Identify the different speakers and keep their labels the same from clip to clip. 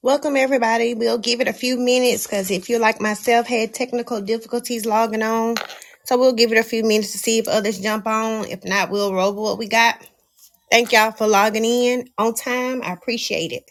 Speaker 1: Welcome everybody. We'll give it a few minutes because if you're like myself, had technical difficulties logging on. So we'll give it a few minutes to see if others jump on. If not, we'll roll with what we got. Thank y'all for logging in on time. I appreciate it.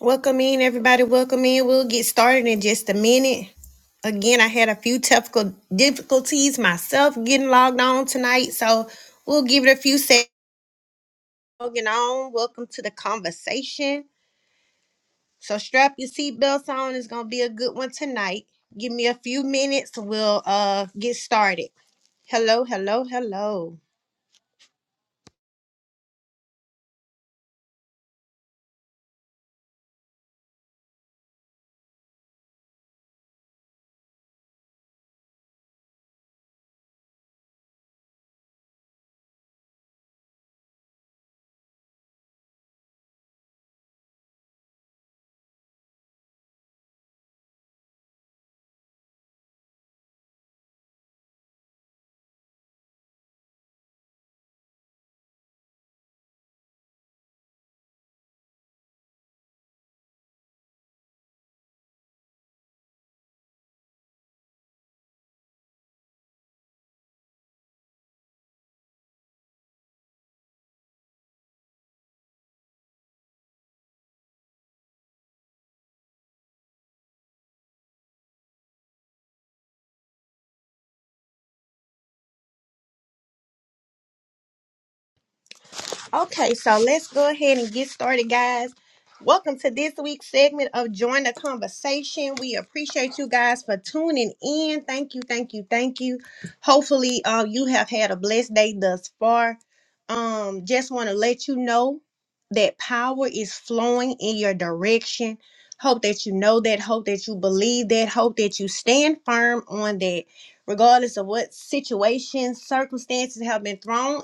Speaker 1: Welcome in everybody. Welcome in. We'll get started in just a minute. Again, I had a few technical difficulties myself getting logged on tonight. So we'll give it a few seconds logging on. Welcome to the conversation. So strap your seatbelts on. It's gonna be a good one tonight. Give me a few minutes. We'll uh get started. Hello, hello, hello. Okay, so let's go ahead and get started, guys. Welcome to this week's segment of Join the Conversation. We appreciate you guys for tuning in. Thank you, thank you, thank you. Hopefully, uh, you have had a blessed day thus far. Um, just want to let you know that power is flowing in your direction. Hope that you know that. Hope that you believe that. Hope that you stand firm on that, regardless of what situations, circumstances have been thrown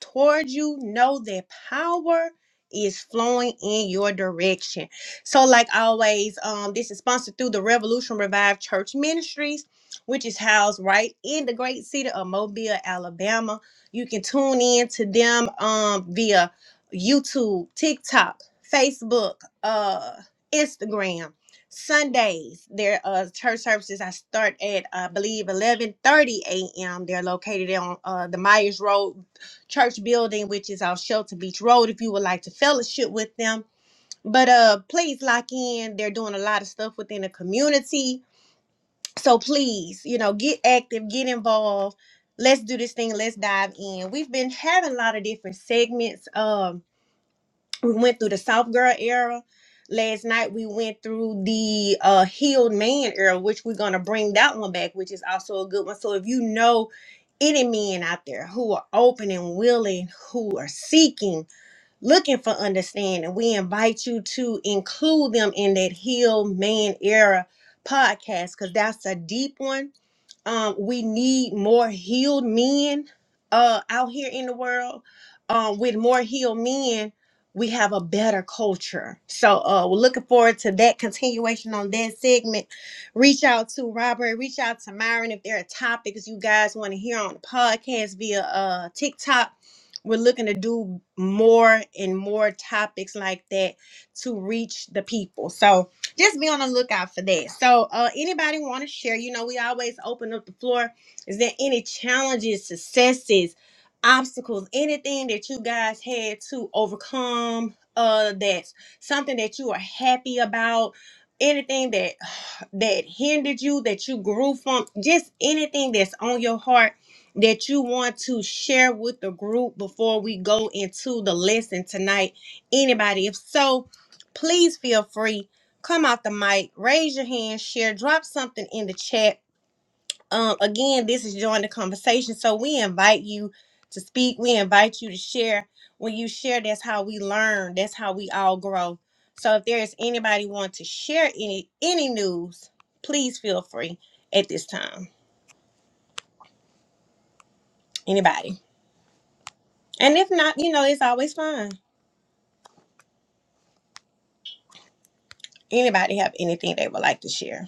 Speaker 1: toward you know that power is flowing in your direction so like always um this is sponsored through the revolution revived church ministries which is housed right in the great city of mobile alabama you can tune in to them um via youtube tiktok facebook uh instagram sundays their uh church services i start at i believe eleven thirty a.m they're located on uh the myers road church building, which is off Shelter Beach Road, if you would like to fellowship with them. But uh please lock in. They're doing a lot of stuff within the community. So please, you know, get active, get involved. Let's do this thing. Let's dive in. We've been having a lot of different segments. Um we went through the soft girl era last night we went through the uh healed man era which we're gonna bring that one back which is also a good one so if you know any men out there who are open and willing who are seeking looking for understanding we invite you to include them in that healed man era podcast because that's a deep one um, we need more healed men uh, out here in the world. Um, with more healed men, we have a better culture. So uh, we're looking forward to that continuation on that segment. Reach out to Robert, reach out to Myron if there are topics you guys want to hear on the podcast via uh, TikTok. We're looking to do more and more topics like that to reach the people. So, just be on the lookout for that. So, uh, anybody want to share? You know, we always open up the floor. Is there any challenges, successes, obstacles, anything that you guys had to overcome? Uh, that's something that you are happy about. Anything that that hindered you, that you grew from, just anything that's on your heart that you want to share with the group before we go into the lesson tonight. Anybody, if so, please feel free come out the mic, raise your hand, share, drop something in the chat. Um, again, this is join the conversation. So we invite you to speak. We invite you to share. When you share, that's how we learn. That's how we all grow. So if there is anybody want to share any any news, please feel free at this time. Anybody. And if not, you know, it's always fun. Anybody have anything they would like to share?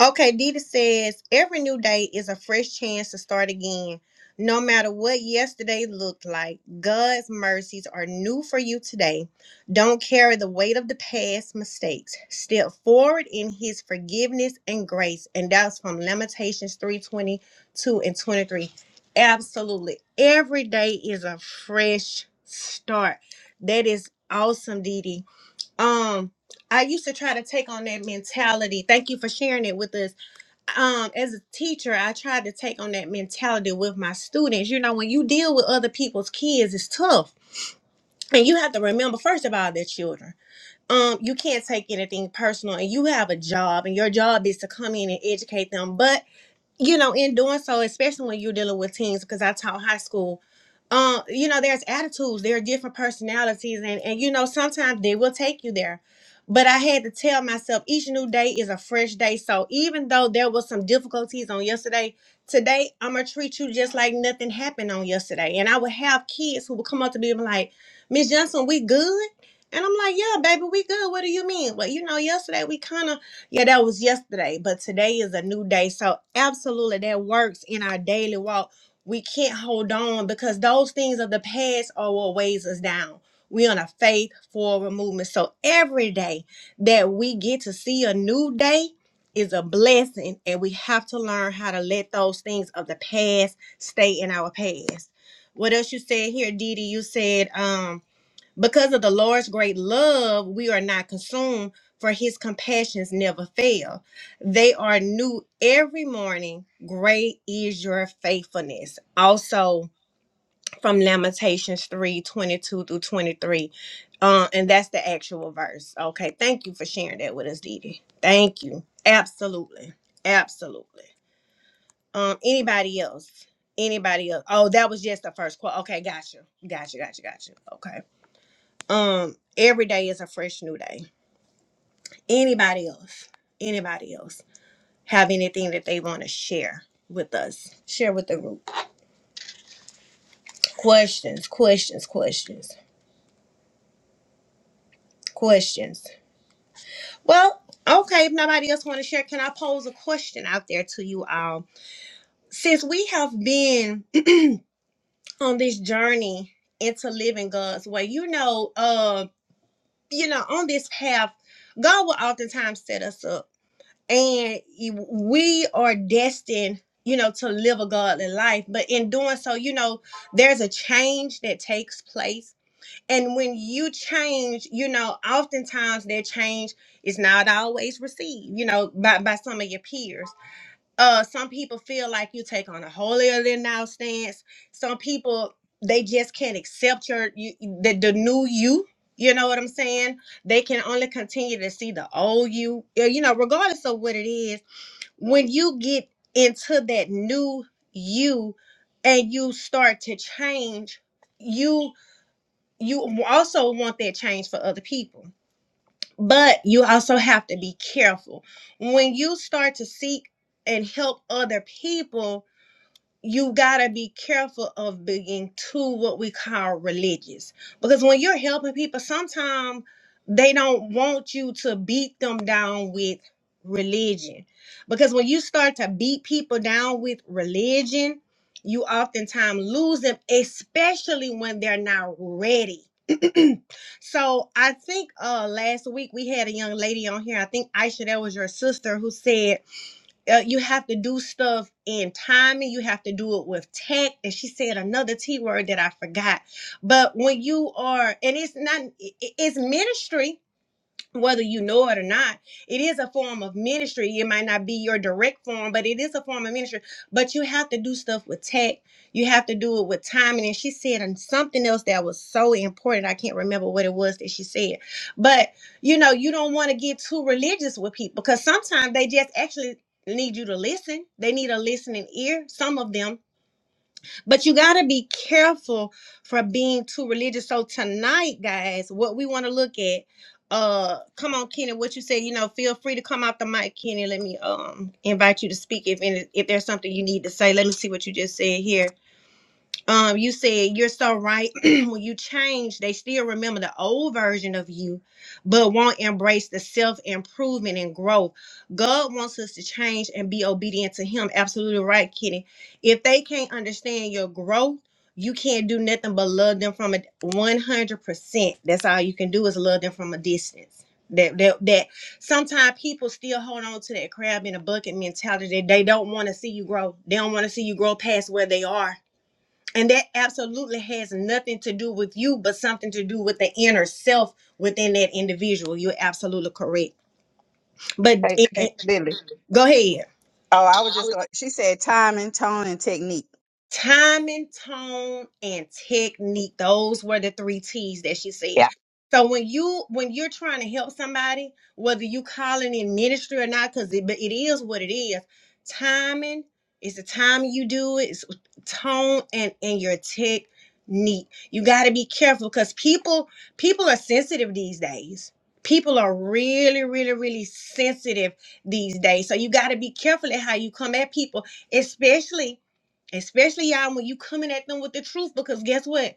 Speaker 1: Okay, Dita says every new day is a fresh chance to start again. No matter what yesterday looked like, God's mercies are new for you today. Don't carry the weight of the past mistakes. Step forward in his forgiveness and grace. And that's from Lamentations 3:22 and 23. Absolutely. Every day is a fresh start. That is awesome, Didi. Um, I used to try to take on that mentality. Thank you for sharing it with us um as a teacher i tried to take on that mentality with my students you know when you deal with other people's kids it's tough and you have to remember first of all they're children um you can't take anything personal and you have a job and your job is to come in and educate them but you know, in doing so, especially when you're dealing with teens, because I taught high school, um, you know, there's attitudes, there are different personalities, and and you know, sometimes they will take you there. But I had to tell myself each new day is a fresh day. So even though there was some difficulties on yesterday, today I'm gonna treat you just like nothing happened on yesterday. And I would have kids who would come up to me and be like, Miss Johnson, we good? And I'm like, Yeah, baby, we good. What do you mean? Well, you know, yesterday we kind of yeah, that was yesterday, but today is a new day. So, absolutely, that works in our daily walk. We can't hold on because those things of the past are what weighs us down. we on a faith forward movement. So, every day that we get to see a new day is a blessing, and we have to learn how to let those things of the past stay in our past. What else you said here, Didi? You said, um, because of the Lord's great love, we are not consumed, for his compassions never fail. They are new every morning. Great is your faithfulness. Also from Lamentations 3 22 through 23. Uh, and that's the actual verse. Okay. Thank you for sharing that with us, Didi. Thank you. Absolutely. Absolutely. Um, anybody else? Anybody else? Oh, that was just the first quote. Okay, gotcha. Gotcha, gotcha, gotcha. Okay um every day is a fresh new day anybody else anybody else have anything that they want to share with us share with the group questions questions questions questions well okay if nobody else want to share can i pose a question out there to you all since we have been on this journey into living god's way you know uh you know on this path god will oftentimes set us up and we are destined you know to live a godly life but in doing so you know there's a change that takes place and when you change you know oftentimes that change is not always received you know by, by some of your peers uh some people feel like you take on a holier than thou stance some people they just can't accept your you, the, the new you you know what i'm saying they can only continue to see the old you uh, you know regardless of what it is when you get into that new you and you start to change you you also want that change for other people but you also have to be careful when you start to seek and help other people you gotta be careful of being too what we call religious because when you're helping people sometimes they don't want you to beat them down with religion because when you start to beat people down with religion you oftentimes lose them especially when they're not ready so i think uh last week we had a young lady on here i think aisha that was your sister who said uh, you have to do stuff in timing. You have to do it with tech. And she said another T word that I forgot. But when you are, and it's not, i- it's ministry whether you know it or not, it is a form of ministry. It might not be your direct form, but it is a form of ministry. But you have to do stuff with tech. You have to do it with timing. And she said and something else that was so important. I can't remember what it was that she said. But you know, you don't want to get too religious with people because sometimes they just actually need you to listen. They need a listening ear, some of them but you got to be careful from being too religious. So tonight, guys, what we want to look at uh come on Kenny what you said you know feel free to come out the mic Kenny let me um invite you to speak if any, if there's something you need to say let me see what you just said here um you said you're so right when you change they still remember the old version of you but won't embrace the self-improvement and growth god wants us to change and be obedient to him absolutely right kitty if they can't understand your growth you can't do nothing but love them from a 100% that's all you can do is love them from a distance that that, that sometimes people still hold on to that crab in a bucket mentality they don't want to see you grow they don't want to see you grow past where they are and that absolutely has nothing to do with you, but something to do with the inner self within that individual. You're absolutely correct. But
Speaker 2: Hey,
Speaker 1: it,
Speaker 2: hey,
Speaker 1: it-
Speaker 2: Lily.
Speaker 1: go ahead.
Speaker 2: Oh, I was just going. She said time and tone and technique.
Speaker 1: Timing, tone, and technique. Those were the three T's that she said.
Speaker 2: Yeah,
Speaker 1: So when you when you're trying to help somebody, whether you calling in ministry or not, because it, but it is what it is. Timing is the time you do it. It's tone and and your technique. You got to be careful because people people are sensitive these days. People are really, really, really sensitive these days. So you got to be careful at how you come at people, especially especially y'all when you coming at them with the truth because guess what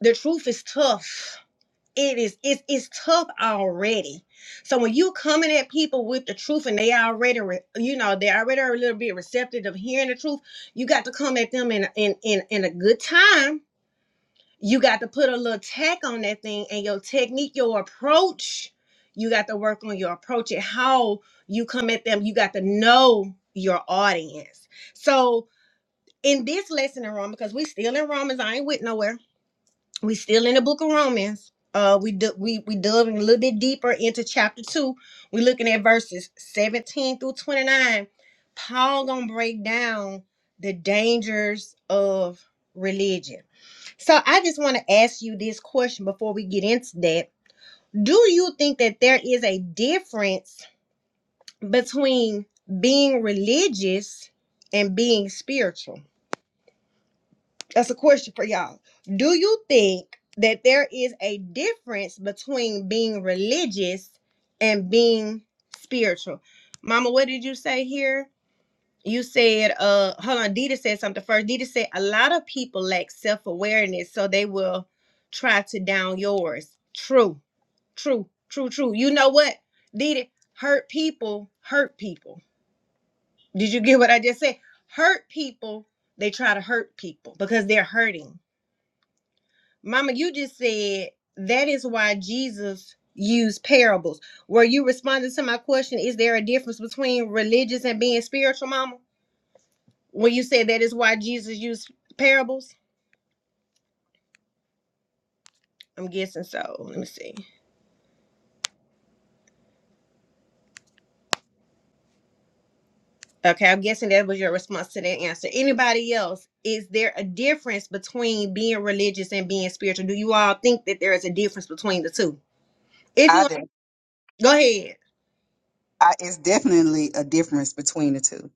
Speaker 1: the truth is tough it is it's, it's tough already so when you coming at people with the truth and they already re- you know they already are a little bit receptive of hearing the truth you got to come at them in a- in in, in a good time you got to put a little tack on that thing and your technique your approach you got to work on your approach and how you come at them you got to know your audience so in this lesson in Romans, because we still in Romans, I ain't went nowhere. We still in the book of Romans. Uh, we do, we we delving a little bit deeper into chapter two. We're looking at verses seventeen through twenty nine. Paul gonna break down the dangers of religion. So I just want to ask you this question before we get into that. Do you think that there is a difference between being religious and being spiritual? That's a question for y'all. Do you think that there is a difference between being religious and being spiritual? Mama, what did you say here? You said, uh, hold on, Dita said something first. Dita said a lot of people lack self-awareness, so they will try to down yours. True, true, true, true. You know what? Dita, hurt people, hurt people. Did you get what I just said? Hurt people, they try to hurt people because they're hurting Mama, you just said that is why Jesus used parables. Were you responding to my question? Is there a difference between religious and being spiritual, Mama? When you said that is why Jesus used parables? I'm guessing so. Let me see. Okay, I'm guessing that was your response to that answer. Anybody else? Is there a difference between being religious and being spiritual? Do you all think that there is a difference between the two? If
Speaker 2: I
Speaker 1: you
Speaker 2: do.
Speaker 1: go ahead.
Speaker 2: I, it's definitely a difference between the two.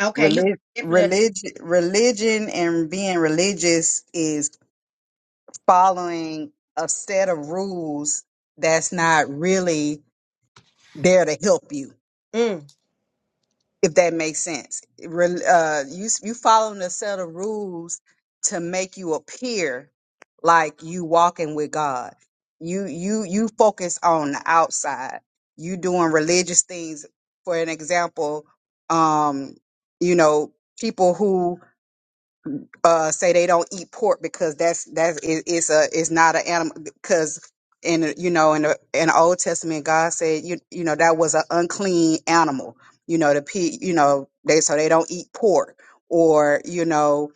Speaker 1: Okay, you
Speaker 2: Reli-
Speaker 1: definitely.
Speaker 2: religion, religion, and being religious is following a set of rules that's not really there to help you.
Speaker 1: Mm,
Speaker 2: if that makes sense. Re- Uh, you you following a set of rules to make you appear like you walking with God. You you you focus on the outside. You doing religious things. For an example, um, you know people who uh say they don't eat pork because that's that's it, it's a it's not an animal because in the- you know in the in the Old Testament God said you you know that was an unclean animal you know the pig you know they so they don't eat pork or you know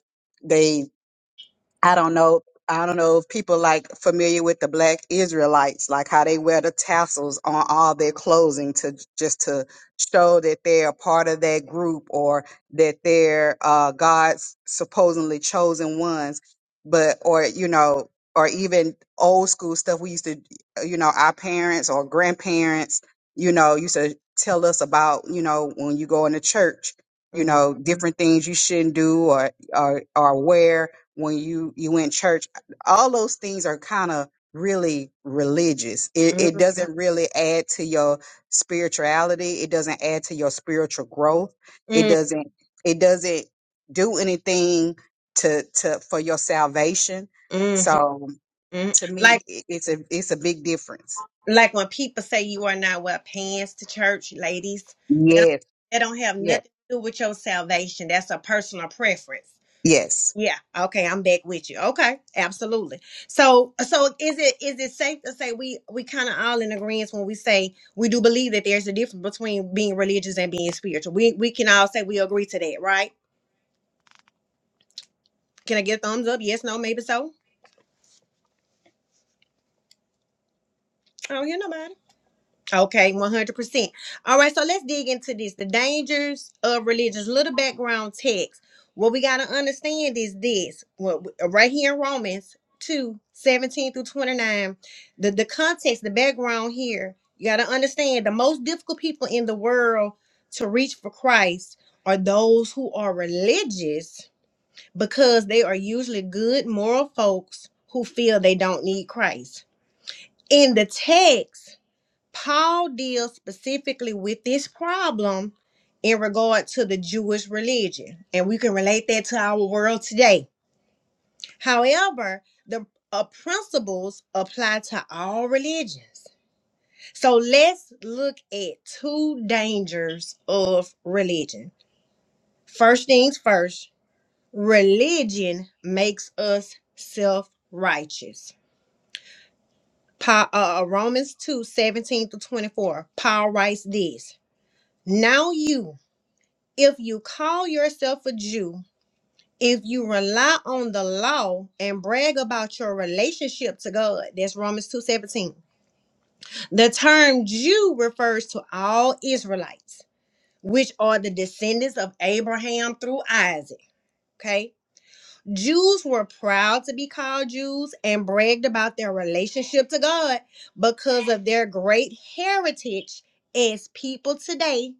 Speaker 2: I don't know. I don't know if people like familiar with the Black Israelites, like how they wear the tassels on all their clothing to just to show that they're a part of that group or that they're uh, God's supposedly chosen ones. But or you know, or even old school stuff we used to, uh, you know, our parents or grandparents, you know, used to tell us about, you know, when you go into church, you
Speaker 1: mm,
Speaker 2: know, different things you shouldn't do or or, or wear when you you in church all those things are kind of really religious it,
Speaker 1: mm,
Speaker 2: it doesn't really add to your spirituality it doesn't add to your spiritual growth it
Speaker 1: mm,
Speaker 2: doesn't it doesn't do anything to to for your salvation
Speaker 1: mm.
Speaker 2: so
Speaker 1: Mm.
Speaker 2: to me
Speaker 1: Like
Speaker 2: it- it's a it's a big difference
Speaker 1: like when people say you are not wear pants to church, ladies, that don't,
Speaker 2: yes
Speaker 1: that don't have
Speaker 2: yes
Speaker 1: nothing to do with your salvation. That's a personal preference.
Speaker 2: yes
Speaker 1: Yeah. Okay, I'm back with you. Okay, absolutely. So so is it is it safe to say we we kind of all in agreement when we say we do believe that there's a difference between being religious and being spiritual. We we can all say we agree to that, right? Can I get a thumbs up? Yes, no, maybe so. I don't hear nobody. Okay, 100%. All right, so let's dig into this. The dangers of religious. Little background text. What we got to understand is this. What, right here in Romans 2 17 through 29, the, the context, the background here, you got to understand the most difficult people in the world to reach for Christ are those who are religious because they are usually good, moral folks who feel they don't need Christ. In the text, Paul deals specifically with this problem in regard to the Jewish religion, and we can relate that to our world today. However, the uh, principles apply to all religions. So let's look at two dangers of religion. First things first, religion makes us self righteous. Pa- uh, uh, Romans 2 17 to 24, Paul writes this Now you if you call yourself a Jew, if you rely on the law and brag about your relationship to God, that's Romans 2:17. The term Jew refers to all Israelites, which are the descendants of Abraham through Isaac, okay? Jews were proud to be called Jews and bragged about their relationship to God because of their great heritage as people today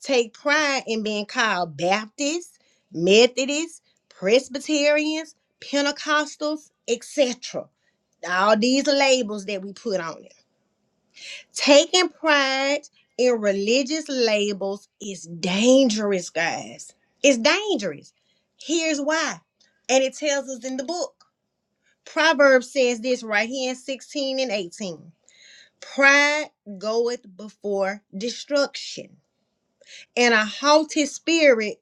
Speaker 1: take pride in being called Baptists, Methodists, Presbyterians, Pentecostals, etc. All these labels that we put on them. Taking pride in religious labels is dangerous, guys. It's dangerous. Here's why. And it tells us in the book. Proverbs says this right here in 16 and 18. Pride goeth before destruction, and a haughty spirit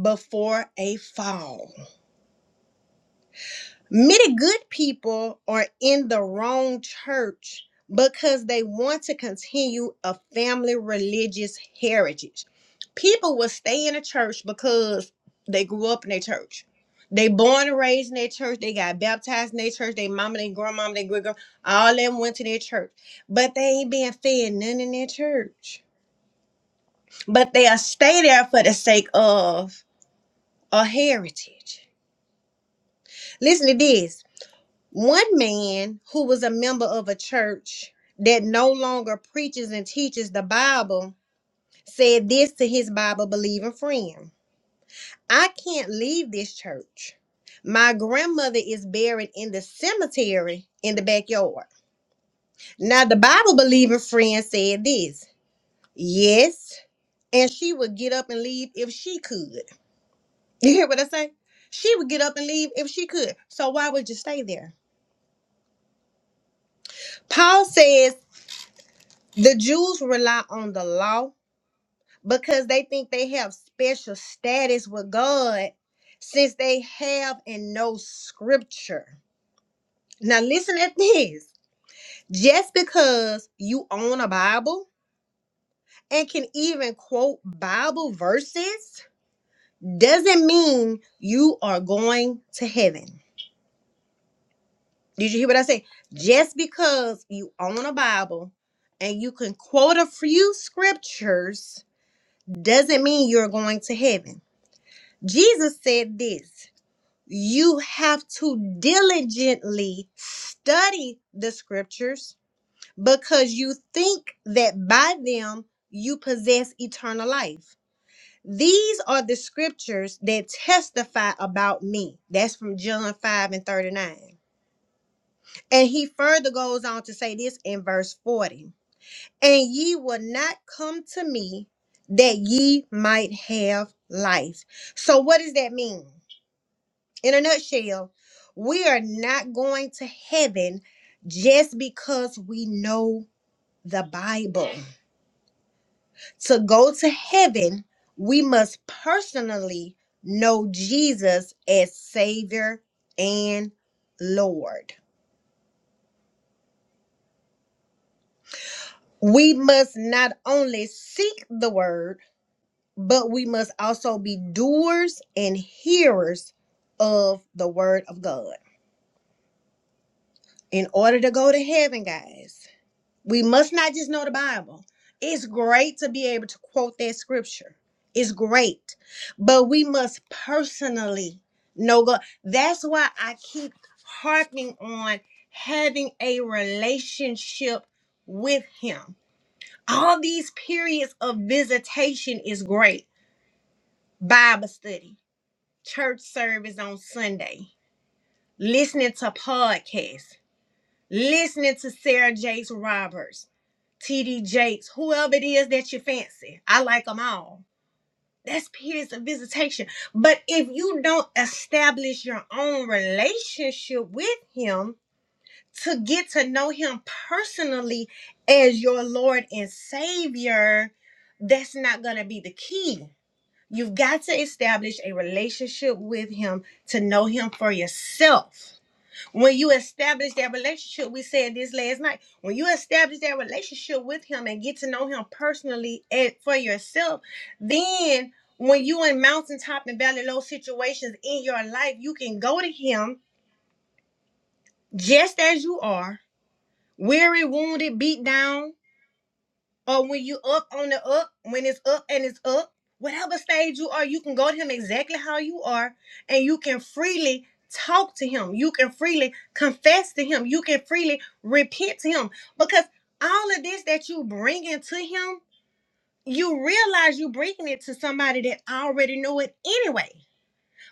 Speaker 1: before a fall. Many good people are in the wrong church because they want to continue a family religious heritage. People will stay in a church because they grew up in a church. They born and raised in their church. They got baptized in their church. They mama, their grandmama, their great grandma, all them went to their church. But they ain't being fed none in their church. But they'll stay there for the sake of a heritage. Listen to this One man who was a member of a church that no longer preaches and teaches the Bible said this to his Bible believing friend I can't leave this church. My grandmother is buried in the cemetery in the backyard. Now, the Bible believing friend said this Yes, and she would get up and leave if she could. You hear what I say? She would get up and leave if she could. So, why would you stay there? Paul says, The Jews rely on the law because they think they have special status with God since they have and know scripture. Now, listen at this just because you own a Bible and can even quote Bible verses doesn't mean you are going to heaven. Did you hear what I said? Just because you own a Bible and you can quote a few scriptures doesn't mean you're going to heaven Jesus said this you have to diligently study the scriptures because you think that by them you possess eternal life. These are the scriptures that testify about me. That's from John 5 and 39. And he further goes on to say this in verse 40 And ye will not come to me that ye might have life. So, what does that mean? in a nutshell, we are not going to heaven just because we know the Bible. To go to heaven, we must personally know Jesus as Savior and Lord. We must not only seek the word, but we must also be doers and hearers of the word of God. In order to go to heaven, guys, We must not just know the Bible. It's great to be able to quote that scripture. It's great. But we must personally know God. That's why I keep harping on having a relationship with Him. All these periods of visitation is great. Bible study, church service on Sunday, listening to podcasts listening to Sarah Jakes Roberts, TD Jakes, whoever it is that you fancy. I like them all. That's periods of visitation. But if you don't establish your own relationship with Him to get to know Him personally as your Lord and Savior, that's not going to be the key. You've got to establish a relationship with Him to know Him for yourself when you establish that relationship, we said this last night. When you establish that relationship with him and get to know him personally and for yourself, then when you in mountaintop and valley low situations in your life, you can go to him just as you are, weary, wounded, beat down, or when you up on the up, when it's up and it's up, whatever stage you are, you can go to him exactly how you are, and you can freely talk to him. You can freely confess to him. You can freely repent to him because all of this that you bring into him, you realize you bringing it to somebody that already know it anyway.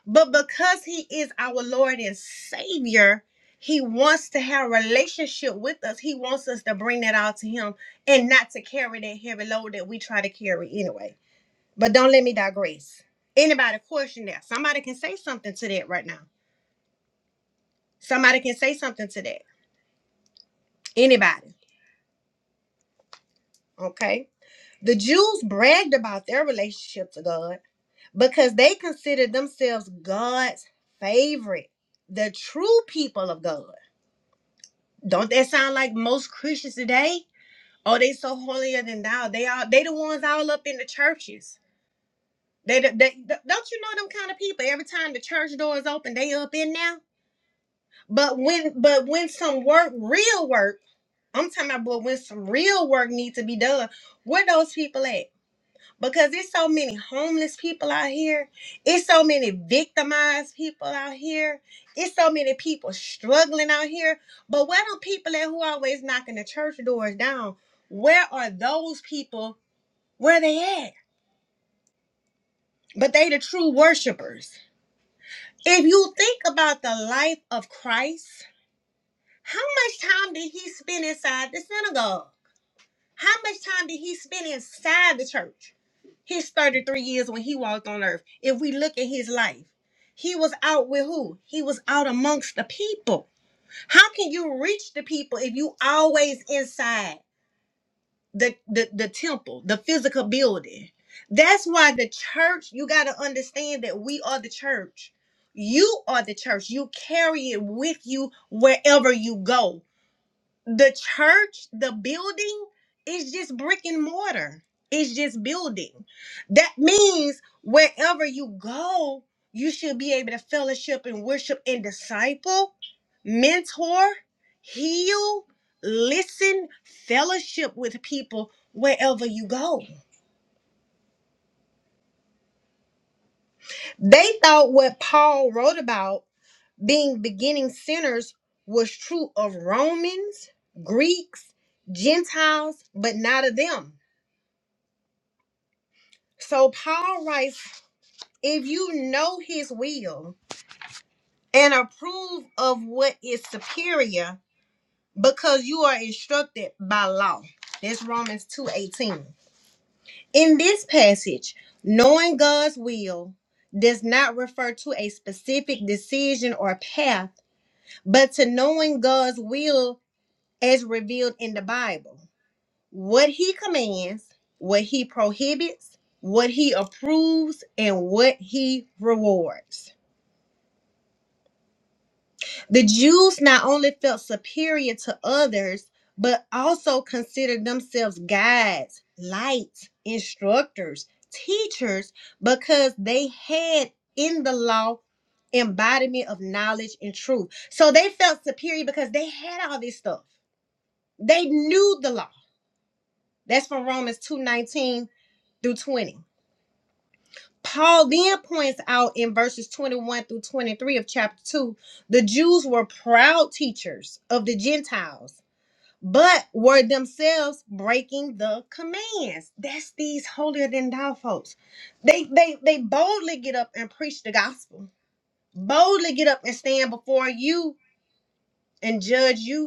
Speaker 1: But because he is our Lord and Savior, he wants to have a relationship with us. He wants us to bring that all to him and not to carry that heavy load that we try to carry anyway. But don't let me digress. Anybody question that? Somebody can say something to that right now. Somebody can say something to that. Anybody. Okay. The Jews bragged about their relationship to God because they considered themselves God's favorite, the true people of God. Don't that sound like most Christians today? Oh, they so holier than thou. They are they the ones all up in the churches. They, the- they th- don't you know them kind of people. Every time the church door is open, they up in now. But when but when some work, real work, I'm talking about but when some real work needs to be done, where those people at? because it's so many homeless people out here it's so many victimized people out here it's so many people struggling out here but where are people at who always knocking the church doors down where are those people where they at but they the true worshipers if you think about the life of christ how much time did he spend inside the synagogue How much time did he spend inside the church? His 33 years when he walked on earth. If we look at his life, he was out with who? He was out amongst the people. How can you reach the people if you always inside the, the, the temple, the physical building? That's why the church, you got to understand that we are the church. You are the church. You carry it with you wherever you go the church, the building is just brick and mortar. It's just building. That means wherever you go, you should be able to fellowship and worship and disciple, mentor, heal, listen, fellowship with people wherever you go. They thought what Paul wrote about being beginning sinners was true of Romans, Greeks, Gentiles, but not of them. So Paul writes, if you know his will and approve of what is superior because you are instructed by law. That's Romans 2:18. In this passage, knowing God's will does not refer to a specific decision or path, but to knowing God's will as revealed in the Bible. What he commands, what he prohibits, what he approves, and what he rewards. The Jews not only felt superior to others, but also considered themselves guides, lights, instructors, teachers, because they had in the law embodiment of knowledge and truth. So they felt superior because they had all this stuff. They knew the law. That's from Romans 2 19 through 20. Paul then points out in verses 21 through 23 of chapter 2 the Jews were proud teachers of the Gentiles, but were themselves breaking the commands. That's these holier than thou folks. They, they, they boldly get up and preach the gospel, boldly get up and stand before you and judge you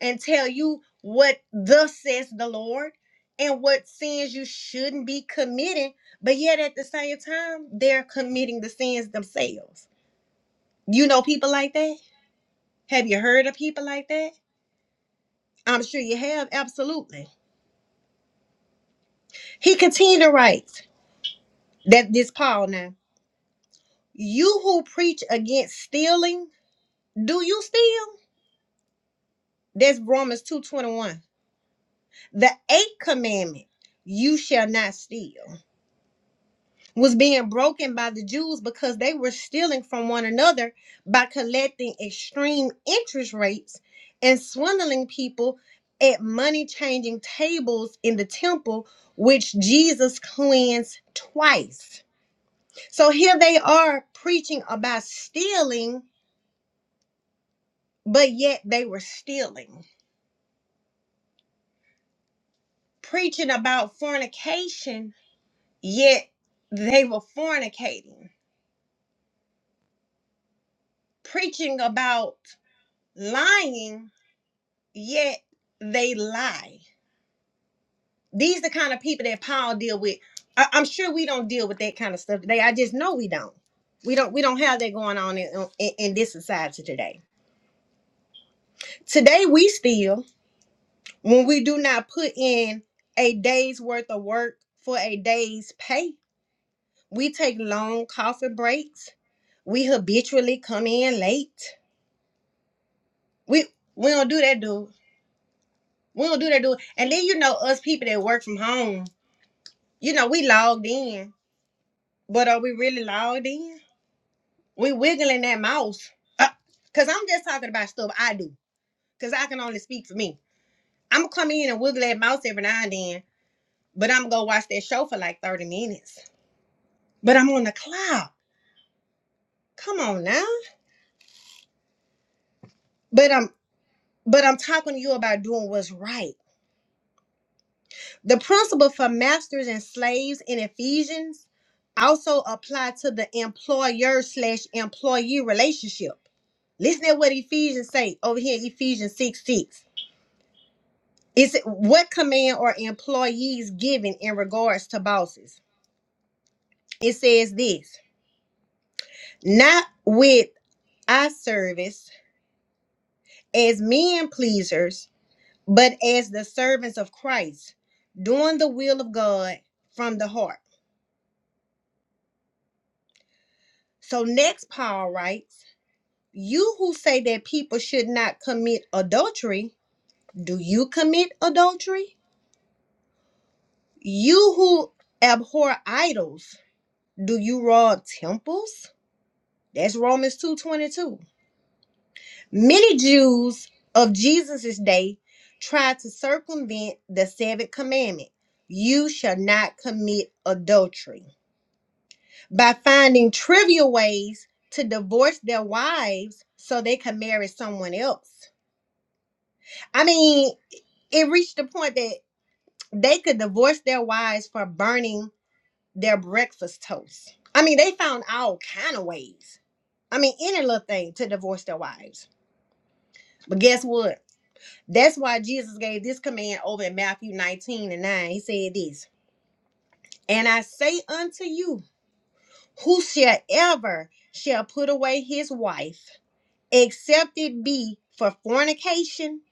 Speaker 1: and tell you what thus says the Lord and what sins you shouldn't be committing, but yet at the same time, they're committing the sins themselves. You know people like that? Have you heard of people like that? I'm sure you have, absolutely. He continued to write that this Paul now, you who preach against stealing, do you steal? That's Romans 2:21. The eighth commandment, you shall not steal. was being broken by the Jews because they were stealing from one another by collecting extreme interest rates and swindling people at money changing tables in the temple, which Jesus cleansed twice. So here they are preaching about stealing, but yet they were stealing, preaching about fornication, yet they were fornicating, preaching about lying yet they lie. These the kind of people that Paul deal with. I, am sure we don't deal with that kind of stuff today. I just know we don't. We don't. We don't have that going on in, in, in this society today. Today we still, when we do not put in a day's worth of work for a day's pay, we take long coffee breaks. We habitually come in late. We we don't do that, dude. We don't do that, dude. And then you know us people that work from home. You know we logged in But are we really loud in? We wiggling that mouse. Uh, Cause I'm just talking about stuff I do. Cause I can only speak for me. I'm gonna come in and wiggle that mouse every now and then, but I'm gonna watch that show for like 30 minutes. But I'm on the clock. Come on now. But I'm but I'm talking to you about doing what's right. The principle for masters and slaves in Ephesians also apply to the employer slash employee relationship. Listen to what Ephesians say over here, Ephesians 6 6. It's what command are employees given in regards to bosses? It says this not with our service as men pleasers, but as the servants of Christ, doing the will of God from the heart. So next Paul writes, You who say that people should not commit adultery, do you commit adultery? You who abhor idols, do you rob temples? That's Romans 2:22. Many Jews of Jesus' day tried to circumvent the seventh commandment you shall not commit adultery by finding trivial ways to divorce their wives so they could marry someone else. I mean, it reached the point that they could divorce their wives for burning their breakfast toast. I mean, they found all kind of ways. I mean, any little thing to divorce their wives. But guess what? That's why Jesus gave this command over in Matthew 19 and 9. He said this, And I say unto you, whosoever shall put away his wife, except it be for fornication,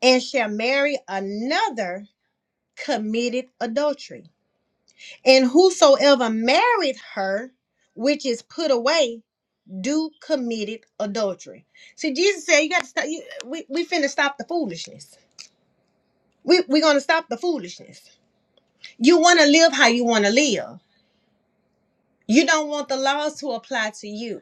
Speaker 1: and shall marry another, committed adultery. And whosoever married her, which is put away, do committed adultery. See, Jesus said, You got to stop. You, we, we finna stop the foolishness. We, we going to stop the foolishness You want to live how you want to live. You don't want the laws to apply to you.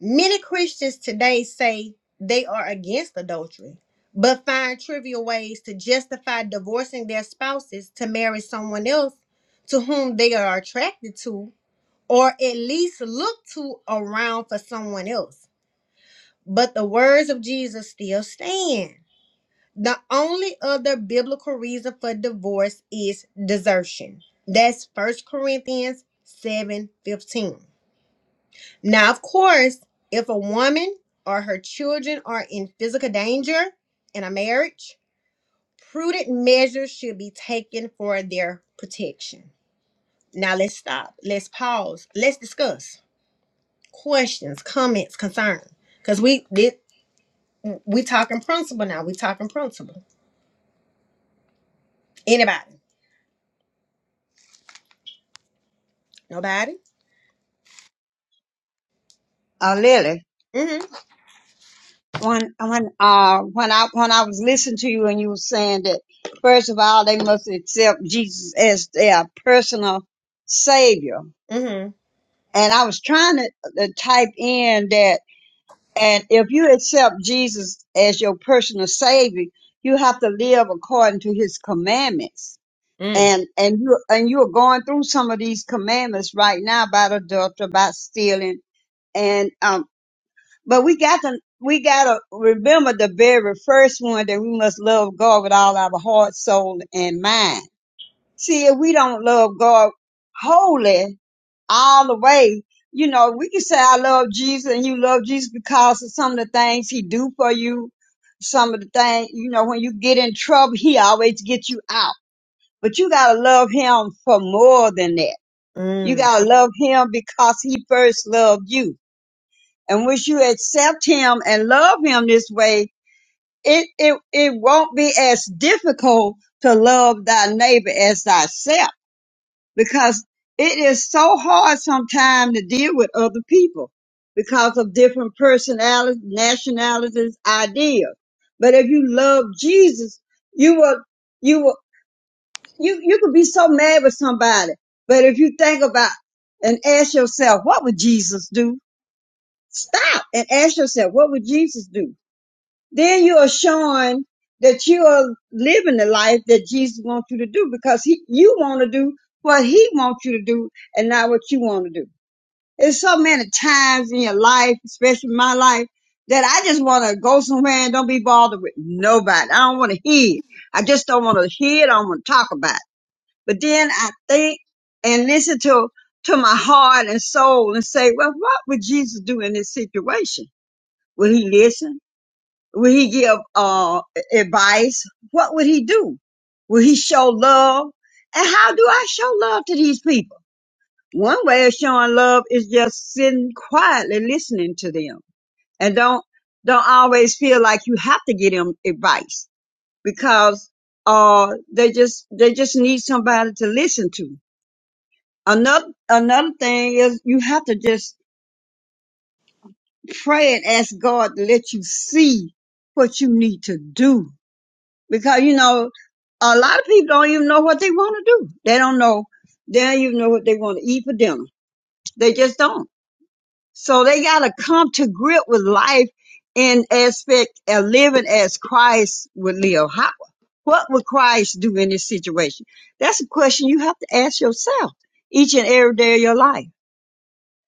Speaker 1: Many Christians today say they are against adultery, but find trivial ways to justify divorcing their spouses to marry someone else to whom they are attracted to, or at least look to around for someone else. But the words of Jesus still stand. The only other biblical reason for divorce is desertion. That's First Corinthians 7 15. Now, of course, if a woman or her children are in physical danger in a marriage, prudent measures should be taken for their protection. Now, let's stop. Let's pause. Let's discuss questions, comments, concerns. Because we did. We talking principle now. We talking principle. Anybody? Nobody?
Speaker 3: uh, Lily,
Speaker 1: Mm-hmm.
Speaker 3: when when uh when I when I was listening to you and you were saying that first of all they must accept Jesus as their personal savior,
Speaker 1: Mm-hmm.
Speaker 3: and I was trying to, to type in that, and if you accept Jesus as your personal savior, you have to live according to His commandments.
Speaker 1: Mm,
Speaker 3: And and you and you're going through some of these commandments right now about adultery, about stealing, and um, But we got to we gotta remember the very first one that we must love God with all our heart, soul, and mind. See, if we don't love God wholly all the way, you know, we can say I love Jesus and you love Jesus because of some of the things he do for you, some of the things, you know, when you get in trouble, he always get you out. But you gotta love him for more than that. You
Speaker 1: mm,
Speaker 3: gotta love him because he first loved you and once you accept him and love him this way, it, it, it won't be as difficult to love thy neighbor as thyself because it is so hard sometimes to deal with other people because of different personalities, nationalities, ideas. But if you love Jesus, you will, you will, you, you could be so mad with somebody. But if you think about and ask yourself, what would Jesus do? Stop and ask yourself, what would Jesus do? then you are showing that you are living the life that Jesus wants you to do because he, you want to do what he wants you to do and not what you want to do. There's so many times in your life, especially my life, that I just want to go somewhere and don't be bothered with nobody. I don't want to hear. it. I just don't want to hear it. I don't want to talk about it. But then I think and listen to, to my heart and soul and say, well, what would Jesus do in this situation? Would he listen? Will he give uh, advice? What would he do? Will he show love? And how do I show love to these people? One way of showing love is just sitting quietly listening to them and don't, don't always feel like you have to give them advice because, uh, they just, they just need somebody to listen to. Another, another thing is you have to just pray and ask God to let you see what you need to do because you know a lot of people don't even know what they want to do. They don't know. They don't even know what they want to eat for dinner. They just don't. So they got to come to grip with life in aspect of living as Christ would live. How, what would Christ do in this situation? That's a question you have to ask yourself each and every day of your life.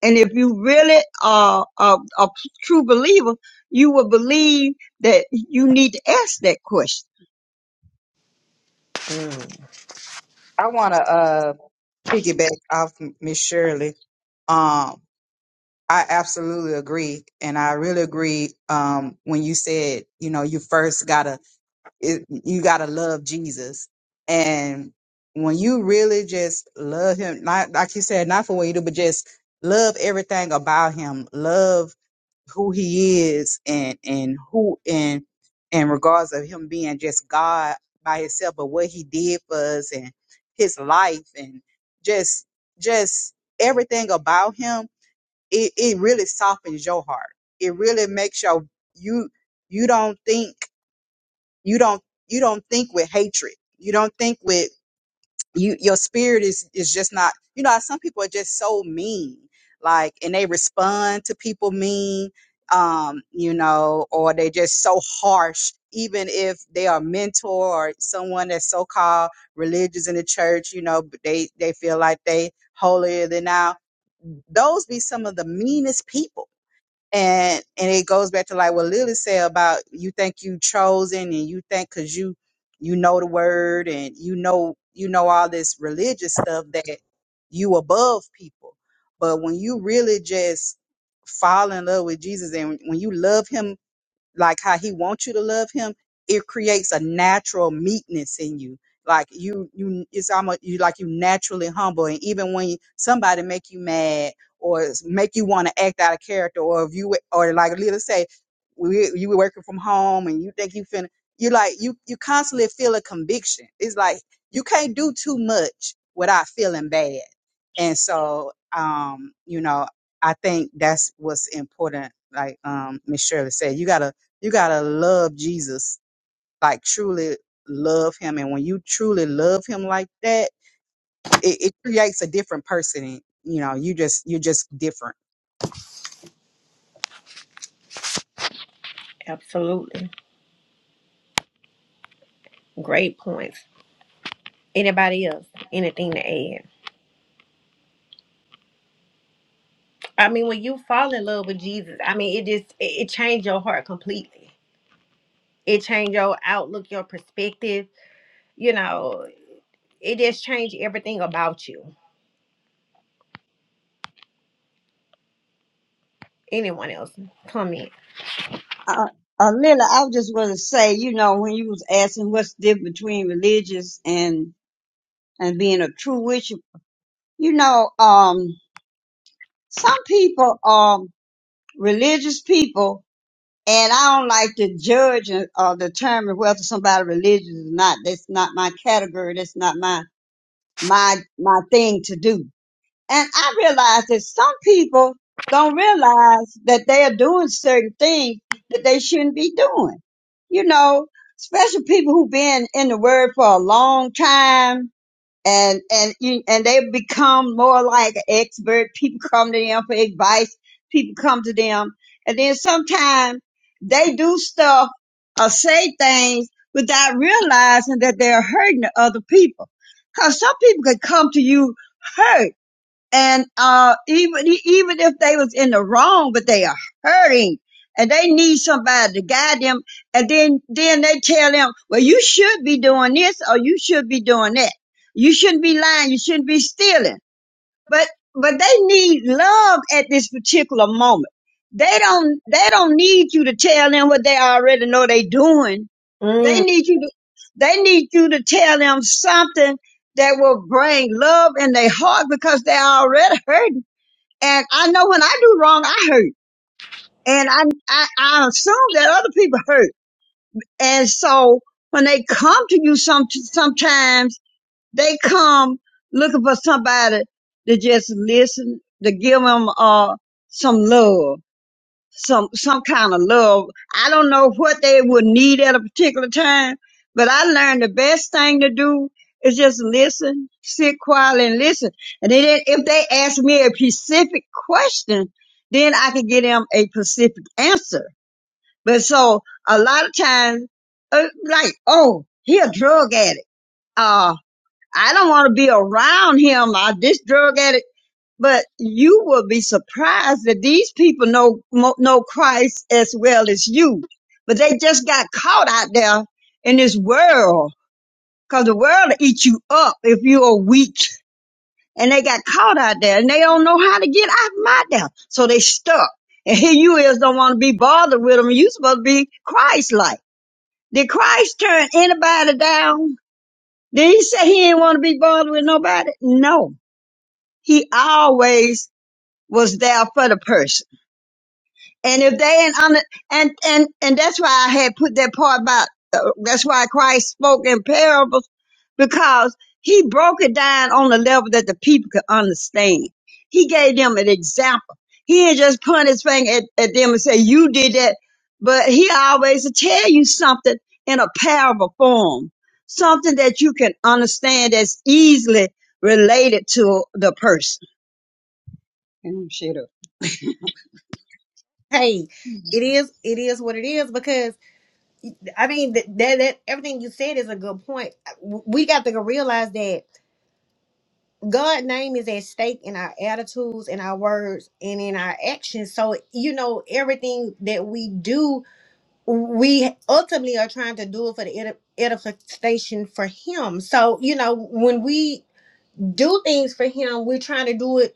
Speaker 3: And if you really are a, a true believer, you will believe that you need to ask that question
Speaker 1: mm.
Speaker 2: i want to uh piggyback off miss shirley Um, I absolutely agree, and I really agree um, when you said, you know, you first gotta it, you gotta love Jesus, and when you really just love Him, not like you said, not for what you do, but just love everything about Him, love who He is, and and who and in regards of Him being just God by Himself, but what He did for us and His life, and just just everything about Him it, it really softens your heart. It really makes your you you don't think you don't you don't think with hatred. You don't think with you your spirit is is just not you know how some people are just so mean like and they respond to people mean um you know or they just so harsh even if they are a mentor or someone that's so called religious in the church you know but they they feel like they holier than thou those be some of the meanest people and and it goes back to like what Lily said about you think you chosen and you think because you you know the word and you know you know all this religious stuff that you above people but when you really just fall in love with Jesus and when you love him like how he wants you to love him, it creates a natural meekness in you. Like you, you, it's almost you like you naturally humble, and even when somebody make you mad or s- make you want to act out of character, or if you or like let's say, we, you were working from home and you think you finna, you like you you constantly feel a conviction. It's like you can't do too much without feeling bad, and so um, you know, I think that's what's important. Like um Miss Shirley said, you gotta you gotta love Jesus, like truly love him. And when you truly love him like that, it, it creates a different person. You know, you just you're just different.
Speaker 1: Absolutely. Great points. Anybody else? Anything to add? I mean, when you fall in love with Jesus, I mean, it just it, it changed your heart completely. It changed your outlook, your perspective. You know, it just changed everything about you. Anyone else? Comment.
Speaker 3: Uh, uh, Lila, I was just going to say, you know, when you was asking what's the difference between religious and and being a true worship, you know, um, some people are religious people, and I don't like to judge or uh, determine whether somebody religious or not. That's not my category. That's not my my my thing to do. And I realize that some people don't realize that they are doing certain things that they shouldn't be doing. You know, especially people who've been in the word for a long time and and you- and they become more like an expert. People come to them for advice. People come to them, and then sometimes they do stuff or say things without realizing that they're hurting the other people. Cause some people could come to you hurt and uh even e, even if they was in the wrong but they are hurting and they need somebody to guide them and then then they tell them well you should be doing this or you should be doing that you shouldn't be lying you shouldn't be stealing but but they need love at this particular moment. They don't they don't need you to tell them what they already know they doing. They
Speaker 1: Mm.
Speaker 3: need you to they need you to tell them something that will bring love in their heart because they already hurting. And I know when I do wrong, I hurt. And I, I, I assume that other people hurt. And so when they come to you some, sometimes they come looking for somebody to just listen, to give them uh, some love, some some kind of love. I don't know what they would need at a particular time, but I learned the best thing to do is just listen, sit quietly and listen. And then if they ask me a specific question, then I can give them a specific answer. But so a lot of times, uh, like, oh, he a drug addict. uh. I don't want to be around him or this drug addict. But you will be surprised that these people know mo- know Christ as well as you. But they just got caught out there in this world because the world will eat you up if you are weak. And they got caught out there and they don't know how to get out my there. So they stuck. And here you is don't want to be bothered with them. You supposed to be Christ-like. Did Christ turn anybody down? Did he say he didn't want to be bothered with nobody? No he always was there for the person. And if they ain't under, and, and, and that's why I had put that part about, uh, that's why Christ spoke in parables because he broke it down on a level that the people could understand. He gave them an example. He didn't just point his finger at, at them and say, you did that. But he always will tell you something in a parable form, something that you can understand that's easily related to the person. And I'm shut up.
Speaker 1: Hey, it is it is what it is because I mean th- that that everything you said is a good point. We got to realize that God's name is at stake in our attitudes, in our words, and in our actions. So, you know, everything that we do, we ultimately are trying to do it for the edi- edification for Him. So, you know, when we do things for Him, we're trying to do it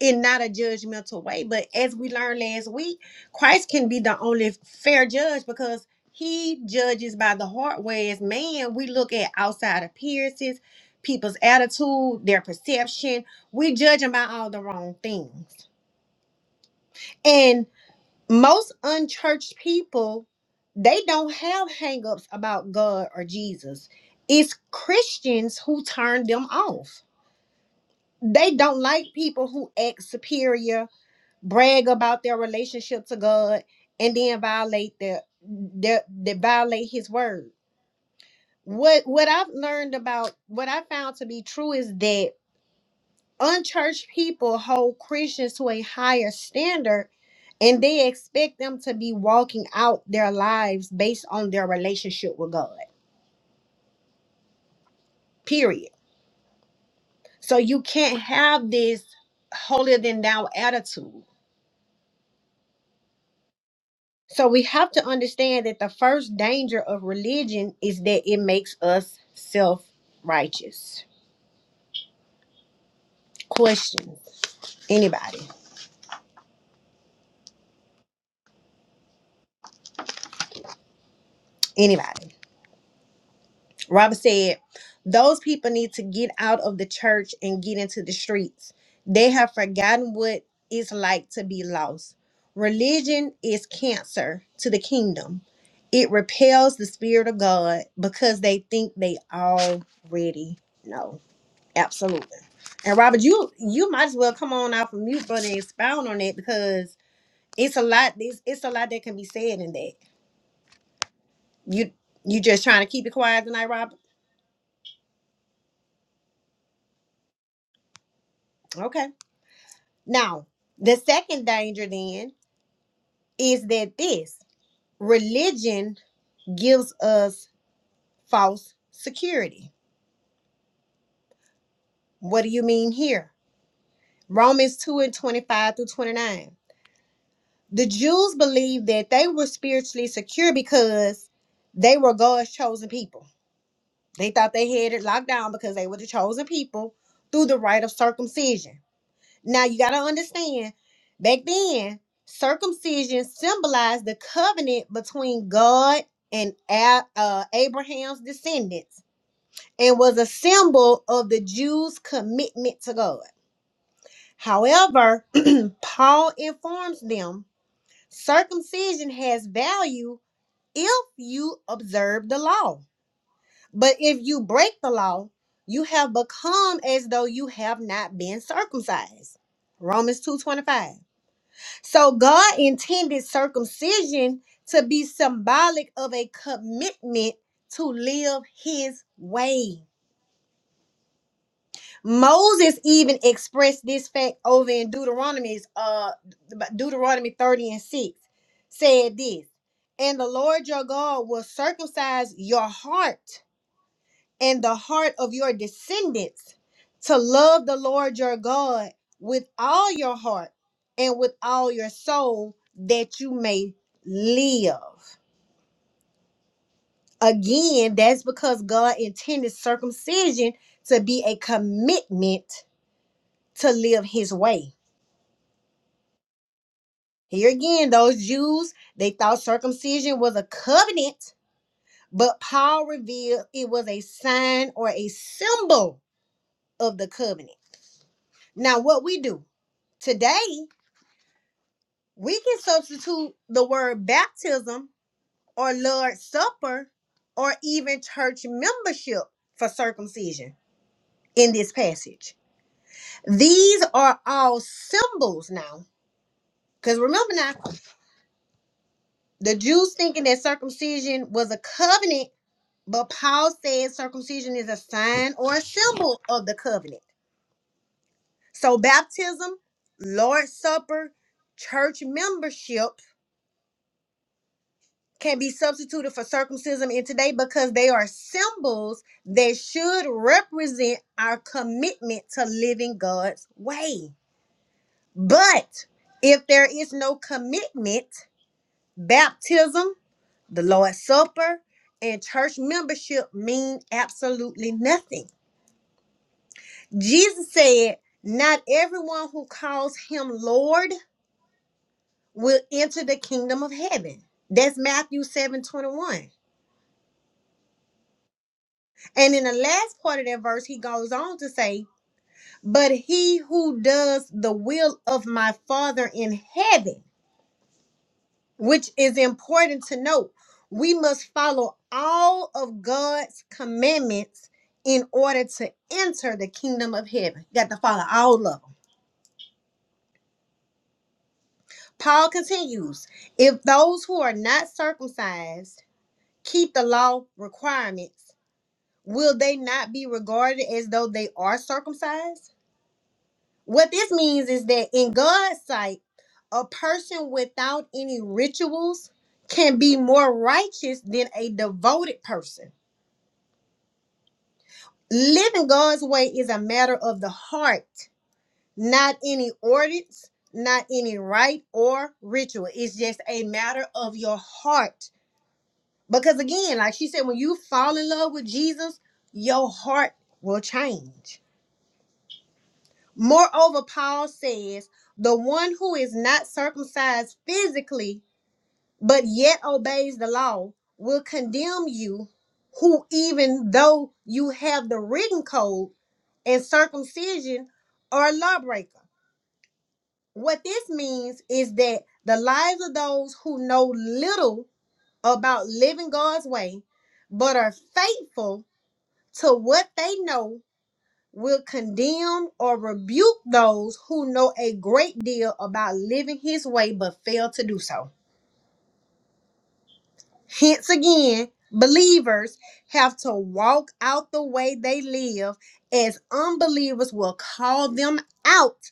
Speaker 1: in not a judgmental way. But as we learned last week, Christ can be the only fair judge because he judges by the heart, whereas man, we look at outside appearances, people's attitude, their perception. We judge them by all the wrong things. And most unchurched people, they don't have hangups about God or Jesus. It's Christians who turn them off. They don't like people who act superior brag about their relationship to God and then violate their their they violate his word. What what I've learned about what I found to be true is that unchurched people hold Christians to a higher standard and they expect them to be walking out their lives based on their relationship with God. Period. So you can't have this holier than thou attitude So we have to understand that the first danger of religion is that it makes us self righteous. Questions? Anybody? Anybody? Robert said, Those people need to get out of the church and get into the streets. They have forgotten what it's like to be lost. Religion is cancer to the kingdom. It repels the spirit of God because they think they already know. Absolutely. And Robert, you you might as well come on off of mute, brother, and expound on that because it's a lot. It's, it's a lot that can be said in that. You you just trying to keep it quiet tonight, Robert. Okay. Now the second danger then is that this religion gives us false security. What do you mean here? Romans two and twenty five through twenty nine. The Jews believed that they were spiritually secure because they were God's chosen people They thought they had it locked down because they were the chosen people through the rite of circumcision. Now you got to understand, back then, circumcision symbolized the covenant between God and A- uh, Abraham's descendants and was a symbol of the Jews' commitment to God. However, Paul informs them circumcision has value if you observe the law But if you break the law, you have become as though you have not been circumcised. Romans 2:25. So God intended circumcision to be symbolic of a commitment to live his way. Moses even expressed this fact over in Deuteronomy's uh Deuteronomy 30 and 6 said this, and the Lord your God will circumcise your heart and the heart of your descendants to love the Lord your God with all your heart and with all your soul that you may live. Again, that's because God intended circumcision to be a commitment to live his way. Here again, those Jews, they thought circumcision was a covenant, but Paul revealed it was a sign or a symbol of the covenant. Now, what we do today We can substitute the word baptism or Lord's Supper or even church membership for circumcision in this passage. These are all symbols now. Because remember now, the Jews thinking that circumcision was a covenant, but Paul says circumcision is a sign or a symbol of the covenant. So baptism, Lord's Supper, church membership can be substituted for circumcision in today because they are symbols that should represent our commitment to living God's way. But if there is no commitment, baptism, the Lord's Supper, and church membership mean absolutely nothing. Jesus said, Not everyone who calls him Lord will enter the kingdom of heaven. That's Matthew 7 21. And in the last part of that verse, he goes on to say, But he who does the will of my Father in heaven, which is important to note, we must follow all of God's commandments in order to enter the kingdom of heaven. Got to follow all of them. Paul continues, If those who are not circumcised keep the law requirements, will they not be regarded as though they are circumcised? What this means is that in God's sight, a person without any rituals can be more righteous than a devoted person. Living God's way is a matter of the heart, not any ordinance, not any rite or ritual. It's just a matter of your heart. Because again, like she said, when you fall in love with Jesus, your heart will change. Moreover, Paul says, the one who is not circumcised physically but yet obeys the law will condemn you who even though you have the written code and circumcision are a lawbreaker what this means is that the lives of those who know little about living god's way but are faithful to what they know will condemn or rebuke those who know a great deal about living his way but fail to do so Hence again, believers have to walk out the way they live, as unbelievers will call them out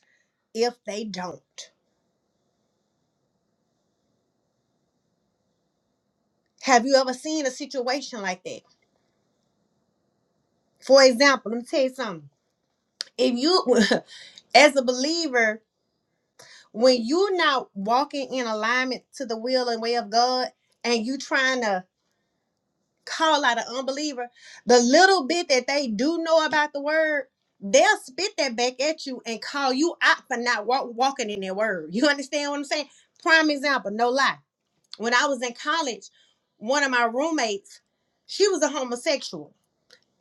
Speaker 1: if they don't. Have you ever seen a situation like that? For example, let me tell you something. If you, as a believer, when you're not walking in alignment to the will and way of God, and you trying to call out an unbeliever, the little bit that they do know about the word, they'll spit that back at you and call you out for not walk, walking in their word. You understand what I'm saying? Prime example, no lie. When I was in college, one of my roommates, she was a homosexual.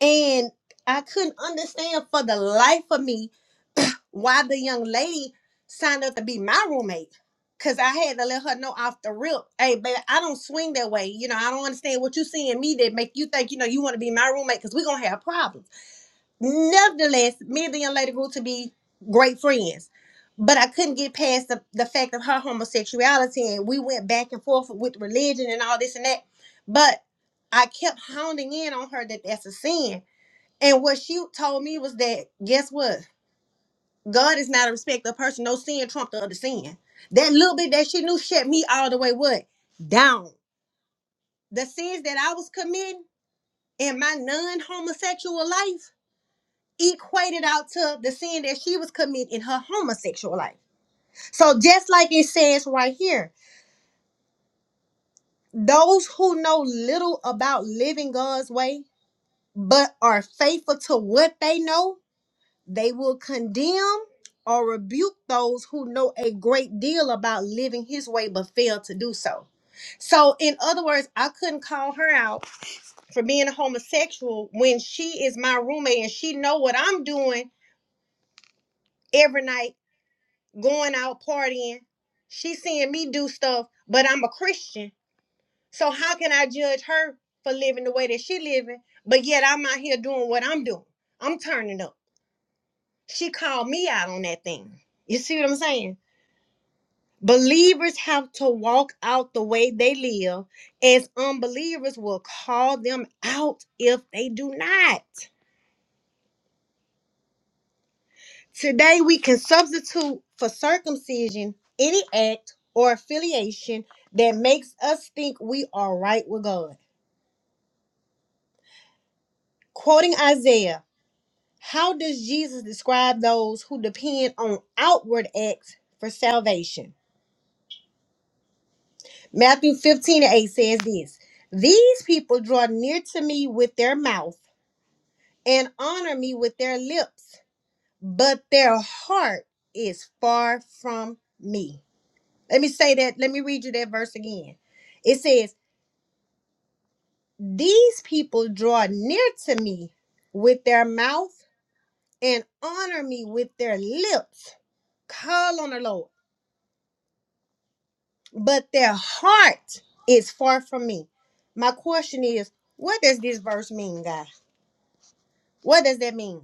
Speaker 1: And I couldn't understand for the life of me why the young lady signed up to be my roommate. Cause I had to let her know off the rip, hey baby, I don't swing that way. You know, I don't understand what you see in me that make you think, you know, you want to be my roommate because we're gonna have problems. Nevertheless, me and the young lady grew to be great friends. But I couldn't get past the, the fact of her homosexuality and we went back and forth with religion and all this and that. But I kept hounding in on her that that's a sin. And what she told me was that, guess what? God is not a respecter of person. No sin trumped the other sin. That little bit that she knew shut me all the way what? Down. The sins that I was committing in my non-homosexual life equated out to the sin that she was committing in her homosexual life. So just like it says right here, those who know little about living God's way but are faithful to what they know They will condemn or rebuke those who know a great deal about living his way but fail to do so. So, in other words, I couldn't call her out for being a homosexual when she is my roommate and she know what I'm doing every night, going out partying. She seeing me do stuff, but I'm a Christian. So how can I judge her for living the way that she living, but yet I'm out here doing what I'm doing? I'm turning up. She called me out on that thing. You see what I'm saying? Believers have to walk out the way they live, as unbelievers will call them out if they do not. Today, we can substitute for circumcision any act or affiliation that makes us think we are right with God. Quoting Isaiah, how does Jesus describe those who depend on outward acts for salvation? Matthew 15 and 8 says this These people draw near to me with their mouth and honor me with their lips, but their heart is far from me. Let me say that. Let me read you that verse again. It says, These people draw near to me with their mouth and honor me with their lips, call on the Lord, but their heart is far from me. My question is, what does this verse mean, God? What does that mean?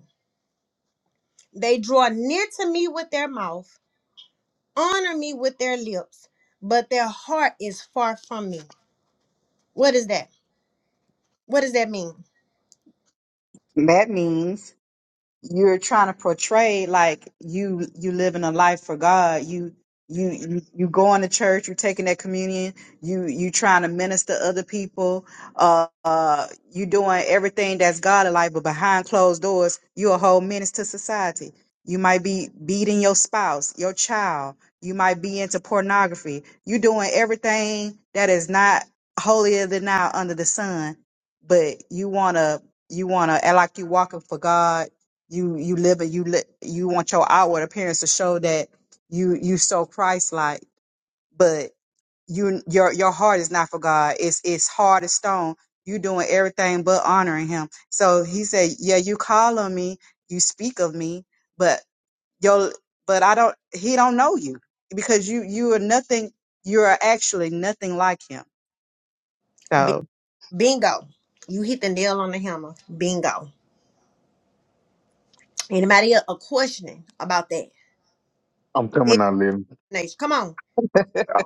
Speaker 1: They draw near to me with their mouth honor me with their lips, but their heart is far from me. What is that? What does that mean?
Speaker 2: That means you're trying to portray like you you living a life for God. You you you, you going to church. You taking that communion. You you trying to minister to other people. Uh, uh, you doing everything that's God like, but behind closed doors, you a whole menace to society. You might be beating your spouse, your child. You might be into pornography. You doing everything that is not holier than thou under the sun, but you wanna you wanna act like you walking for God you you live and you li- you want your outward appearance to show that you you so Christ like, but you your your heart is not for God. It's it's hard as stone. You doing everything but honoring Him. So He said, "Yeah, you call on me, you speak of me, but your but I don't. He don't know you because you you are nothing. You are actually nothing like Him.
Speaker 1: Bi-
Speaker 2: So
Speaker 1: Bingo. You hit the nail on the hammer. Bingo. Anybody else a questioning about that?
Speaker 4: I'm
Speaker 1: Very
Speaker 4: coming out, Lynn.
Speaker 1: nice. Come on.
Speaker 4: I,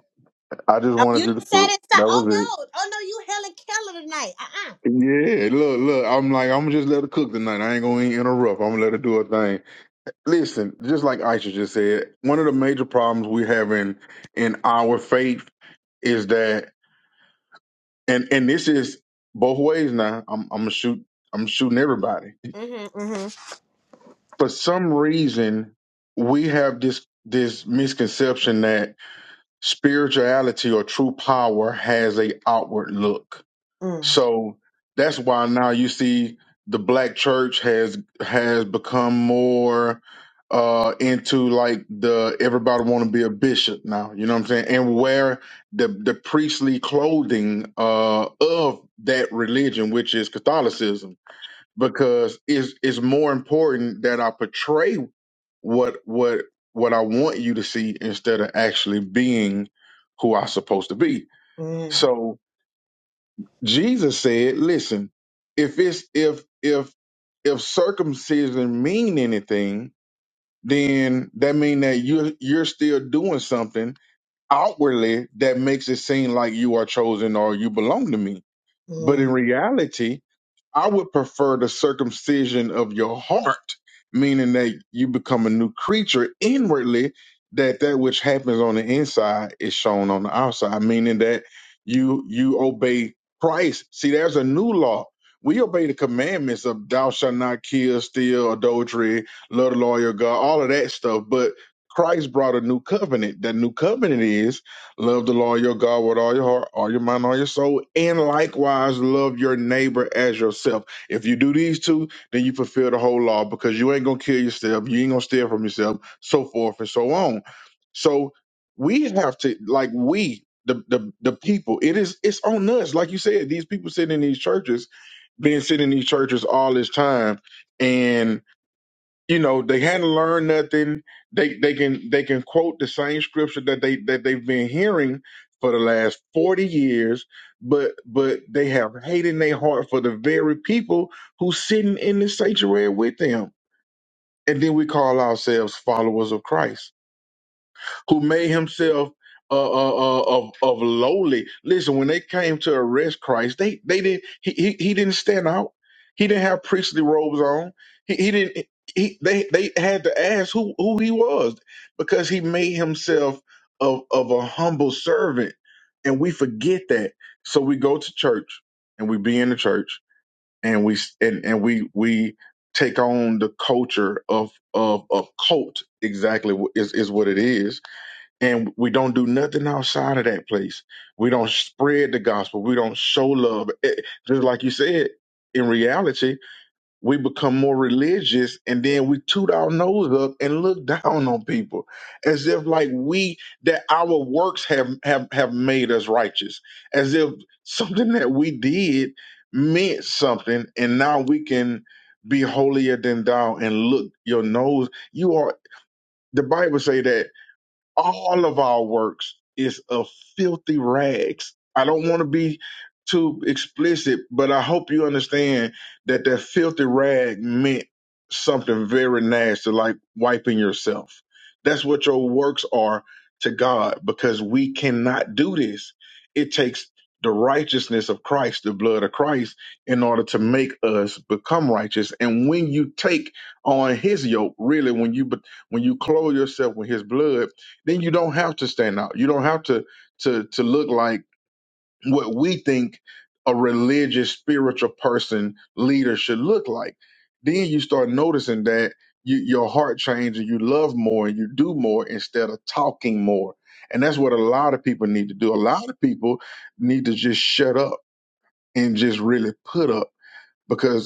Speaker 4: I just
Speaker 1: Oh,
Speaker 4: wanted
Speaker 1: you
Speaker 4: you to
Speaker 1: just said
Speaker 4: cook.
Speaker 1: it. So-
Speaker 4: That
Speaker 1: oh
Speaker 4: was it.
Speaker 1: no. Oh no. You Helen Keller tonight. Uh uh
Speaker 4: Yeah, look, look. I'm like, I'm gonna just let her cook tonight. I ain't gonna interrupt. I'm gonna let her do her thing. Listen, just like Aisha just said, one of the major problems we have in in our faith is that, and and this is both ways now. I'm I'm gonna shoot. I'm shooting everybody.
Speaker 1: Mm-hmm, mm-hmm.
Speaker 4: For some reason, we have this this misconception that spirituality or true power has a outward look
Speaker 1: Mm,
Speaker 4: So that's why now you see the black church has has become more uh into like the everybody want to be a bishop now, you know what I'm saying? And wear the the priestly clothing uh of that religion which is Catholicism because it's it's more important that I portray what what what I want you to see instead of actually being who I'm supposed to be.
Speaker 1: mm,
Speaker 4: So Jesus said, listen, if it's if if if circumcision mean anything, then that mean that you you're still doing something outwardly that makes it seem like you are chosen or you belong to me. But
Speaker 1: mm.
Speaker 4: in reality, I would prefer the circumcision of your heart, meaning that you become a new creature inwardly, that that which happens on the inside is shown on the outside, meaning that you you obey Christ. See, there's a new law. We obey the commandments of thou shalt not kill, steal, adultery, love the Lord your God, all of that stuff. But Christ brought a new covenant. That new covenant is Love the Lord your God with all your heart, all your mind, all your soul, and likewise love your neighbor as yourself. If you do these two, then you fulfill the whole law because you ain't gonna kill yourself, you ain't gonna steal from yourself, so forth and so on. So we have to like we the the the people. It is it's on us, like you said. These people sitting in these churches, been sitting in these churches all this time, you know they hadn't learned nothing they they can they can quote the same scripture that they that they've been hearing for the last 40 years but but they have hate in their heart for the very people who sitting in the sanctuary with them and then we call ourselves followers of christ who made himself uh, uh, uh, of of lowly. Listen, when they came to arrest Christ, they they didn't he he, he didn't stand out. He didn't have priestly robes on. He he didn't. He, they they had to ask who who he was because he made himself of of a humble servant, and we forget that. So we go to church and we be in the church and we and and we we take on the culture of of of cult exactly what is is what it is and we don't do nothing outside of that place. We don't spread the gospel. We don't show love. It- just like you said, in reality, we become more religious and then we toot our nose up and look down on people as if like we that our works have have have made us righteous, as if something that we did meant something and now we can be holier than thou and look your nose. You are the Bible say that all of our works is of filthy rags. I don't want to be too explicit, but I hope you understand that that filthy rag meant something very nasty, like wiping yourself. That's what your works are to God because we cannot do this. It takes the righteousness of Christ, the blood of Christ, in order to make us become righteous. And when you take on his yoke, really, when you when you clothe yourself with his blood, then you don't have to stand out. You don't have to to to look like what we think a religious spiritual person leader should look like. Then you start noticing that you, your heart changes, and you love more, and you do more instead of talking more. And that's what a lot of people need to do. A lot of people need to just shut up and just really put up because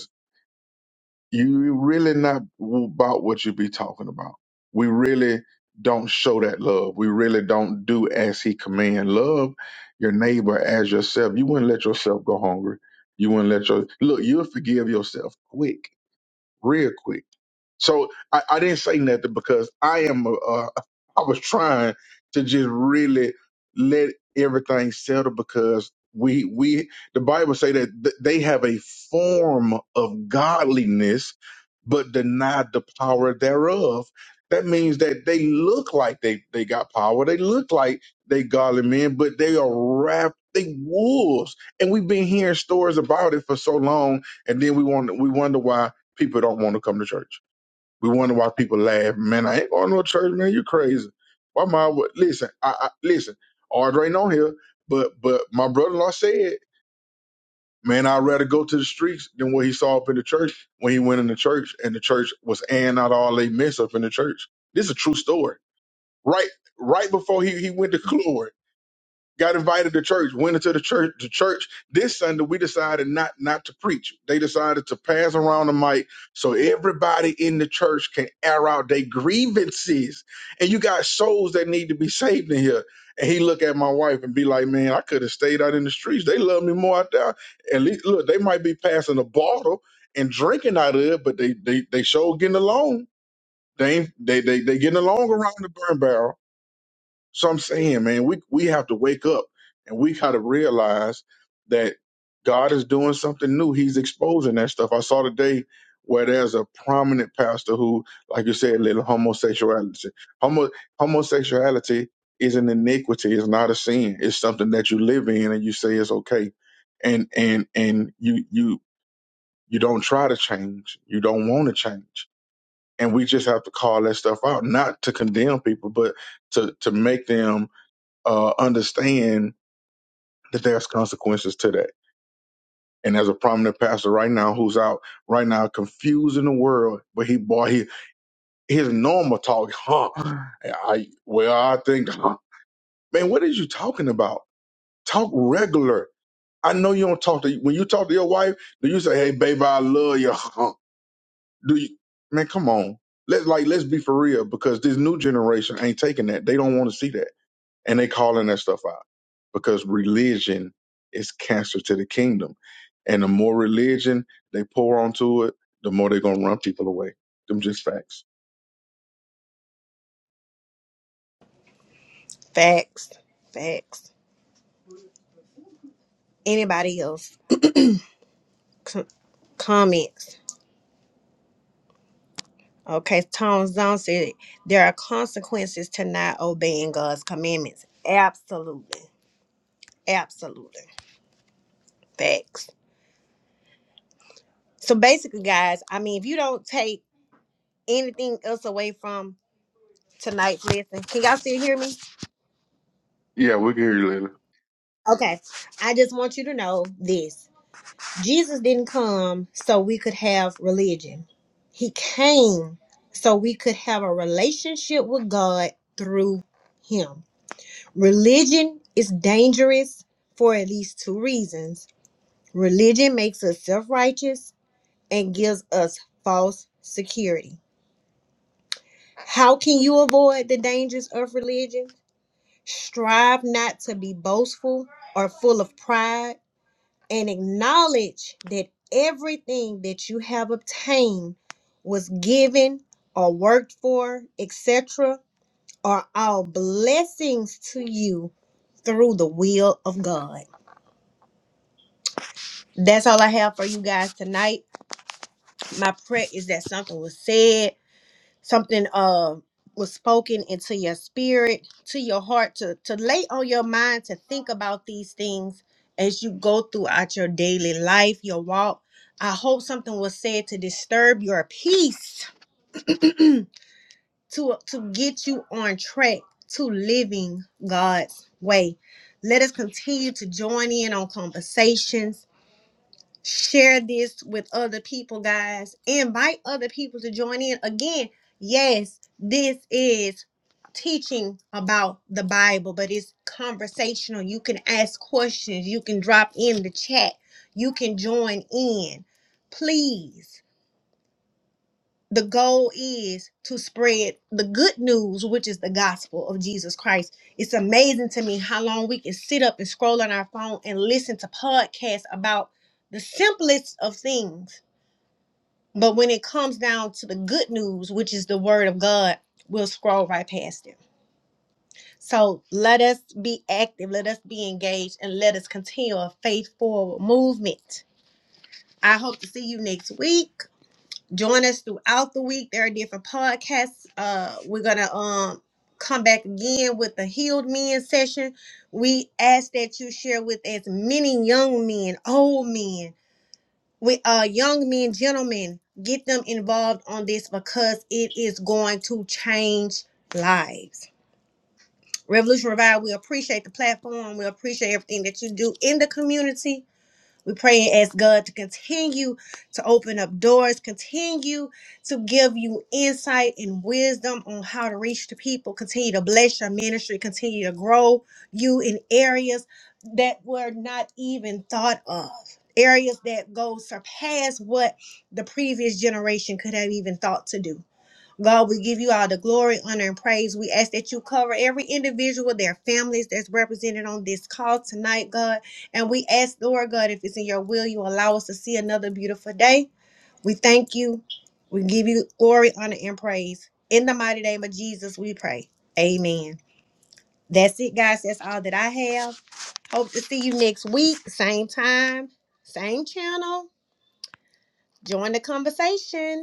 Speaker 4: you really not about what you be talking about. We really don't show that love. We really don't do as he command. Love your neighbor as yourself. You wouldn't let yourself go hungry. You wouldn't let your look. You'll forgive yourself quick, real quick so I, I didn't say nothing because I am. Uh, I was trying to just really let everything settle because we we the Bible say that th- they have a form of godliness but deny the power thereof. That means that they look like they they got power. They look like they godly men, but they are wrapped. They wolves, and we've been hearing stories about it for so long, and then we want we wonder why people don't want to come to church. We wonder why people laugh. Man, I ain't going to no church, man. You crazy. Why my would listen, I, I listen, Audrey ain't on here, but but my brother in law said, Man, I'd rather go to the streets than what he saw up in the church when he went in the church and the church was airing out all they mess up in the church. This is a true story. Right right before he, he went to glory got invited to church, went into the church. The church this Sunday we decided not not to preach. They decided to pass around the mic so everybody in the church can air out their grievances. And you got souls that need to be saved in here. And he look at my wife and be like, "Man, I could have stayed out in the streets. They love me more out there. At least look, they might be passing a bottle and drinking out of it, but they they they sure getting along. They ain't, they they they getting along around the burn barrel." So I'm saying, man, we we have to wake up and we gotta realize that God is doing something new. He's exposing that stuff. I saw today where there's a prominent pastor who, like you said, little homosexuality. Homo homosexuality is an iniquity, it's not a sin. It's something that you live in and you say it's okay. And and and you you you don't try to change. You don't want to change. And we just have to call that stuff out, not to condemn people, but to to make them uh, understand that there's consequences to that. And there's a prominent pastor right now who's out right now confusing the world, but he boy, he his normal talk, huh? I well, I think, huh? Man, what is you talking about? Talk regular. I know you don't talk to when you talk to your wife. Do you say, "Hey, baby, I love you"? Huh? Do you? Man, come on. Let's like let's be for real because this new generation ain't taking that. They don't want to see that, and they calling that stuff out. because religion is cancer to the kingdom. And the more religion they pour onto it, the more they're gonna run people away. Them just facts.
Speaker 1: Facts. Facts. Anybody else? Com- comments. Okay, Tom Zong said there are consequences to not obeying God's commandments. Absolutely. Absolutely. Facts. So basically, guys, I mean, if you don't take anything else away from tonight's lesson, can y'all still hear me?
Speaker 4: Yeah, we will hear you later.
Speaker 1: Okay. I just want you to know this. Jesus didn't come so we could have religion. He came so we could have a relationship with God through him. Religion is dangerous for at least two reasons. Religion makes us self righteous and gives us false security. How can you avoid the dangers of religion? Strive not to be boastful or full of pride, and acknowledge that everything that you have obtained was given or worked for, etc., are all blessings to you through the will of God. that's all I have for you guys tonight. My prayer is that something was said, something uh was spoken into your spirit, to your heart, to to lay on your mind to think about these things as you go throughout your daily life, your walk. I hope something was said to disturb your peace, to to get you on track to living God's way. Let us continue to join in on conversations share this with other people, guys. Invite other people to join in. Again, yes, this is teaching about the Bible, but it's conversational. You can ask questions, you can drop in the chat, you can join in. Please the goal is to spread the good news, which is the gospel of Jesus Christ. It's amazing to me how long we can sit up and scroll on our phone and listen to podcasts about the simplest of things. But when it comes down to the good news, which is the word of God, we'll scroll right past it. So let us be active, let us be engaged, and let us continue a faith forward movement. I hope to see you next week. join us throughout the week. There are different podcasts. Uh, we're gonna um come back again with the healed men session. We ask that you share with as many young men, old men, with uh young men, gentlemen, get them involved on this because it is going to change lives. Revolution Revive, we appreciate the platform. We appreciate everything that you do in the community we pray and ask God to continue to open up doors, continue to give you insight and wisdom on how to reach the people, continue to bless your ministry, continue to grow you in areas that were not even thought of, areas that go surpass what the previous generation could have even thought to do. God, we give you all the glory, honor, and praise. We ask that you cover every individual, their families that's represented on this call tonight, God. And we ask, Lord God, if it's in your will, you allow us to see another beautiful day. We thank you. We give you glory, honor, and praise. In the mighty name of Jesus, we pray. Amen. That's it, guys. That's all that I have. Hope to see you next week, same time, same channel. Join the conversation.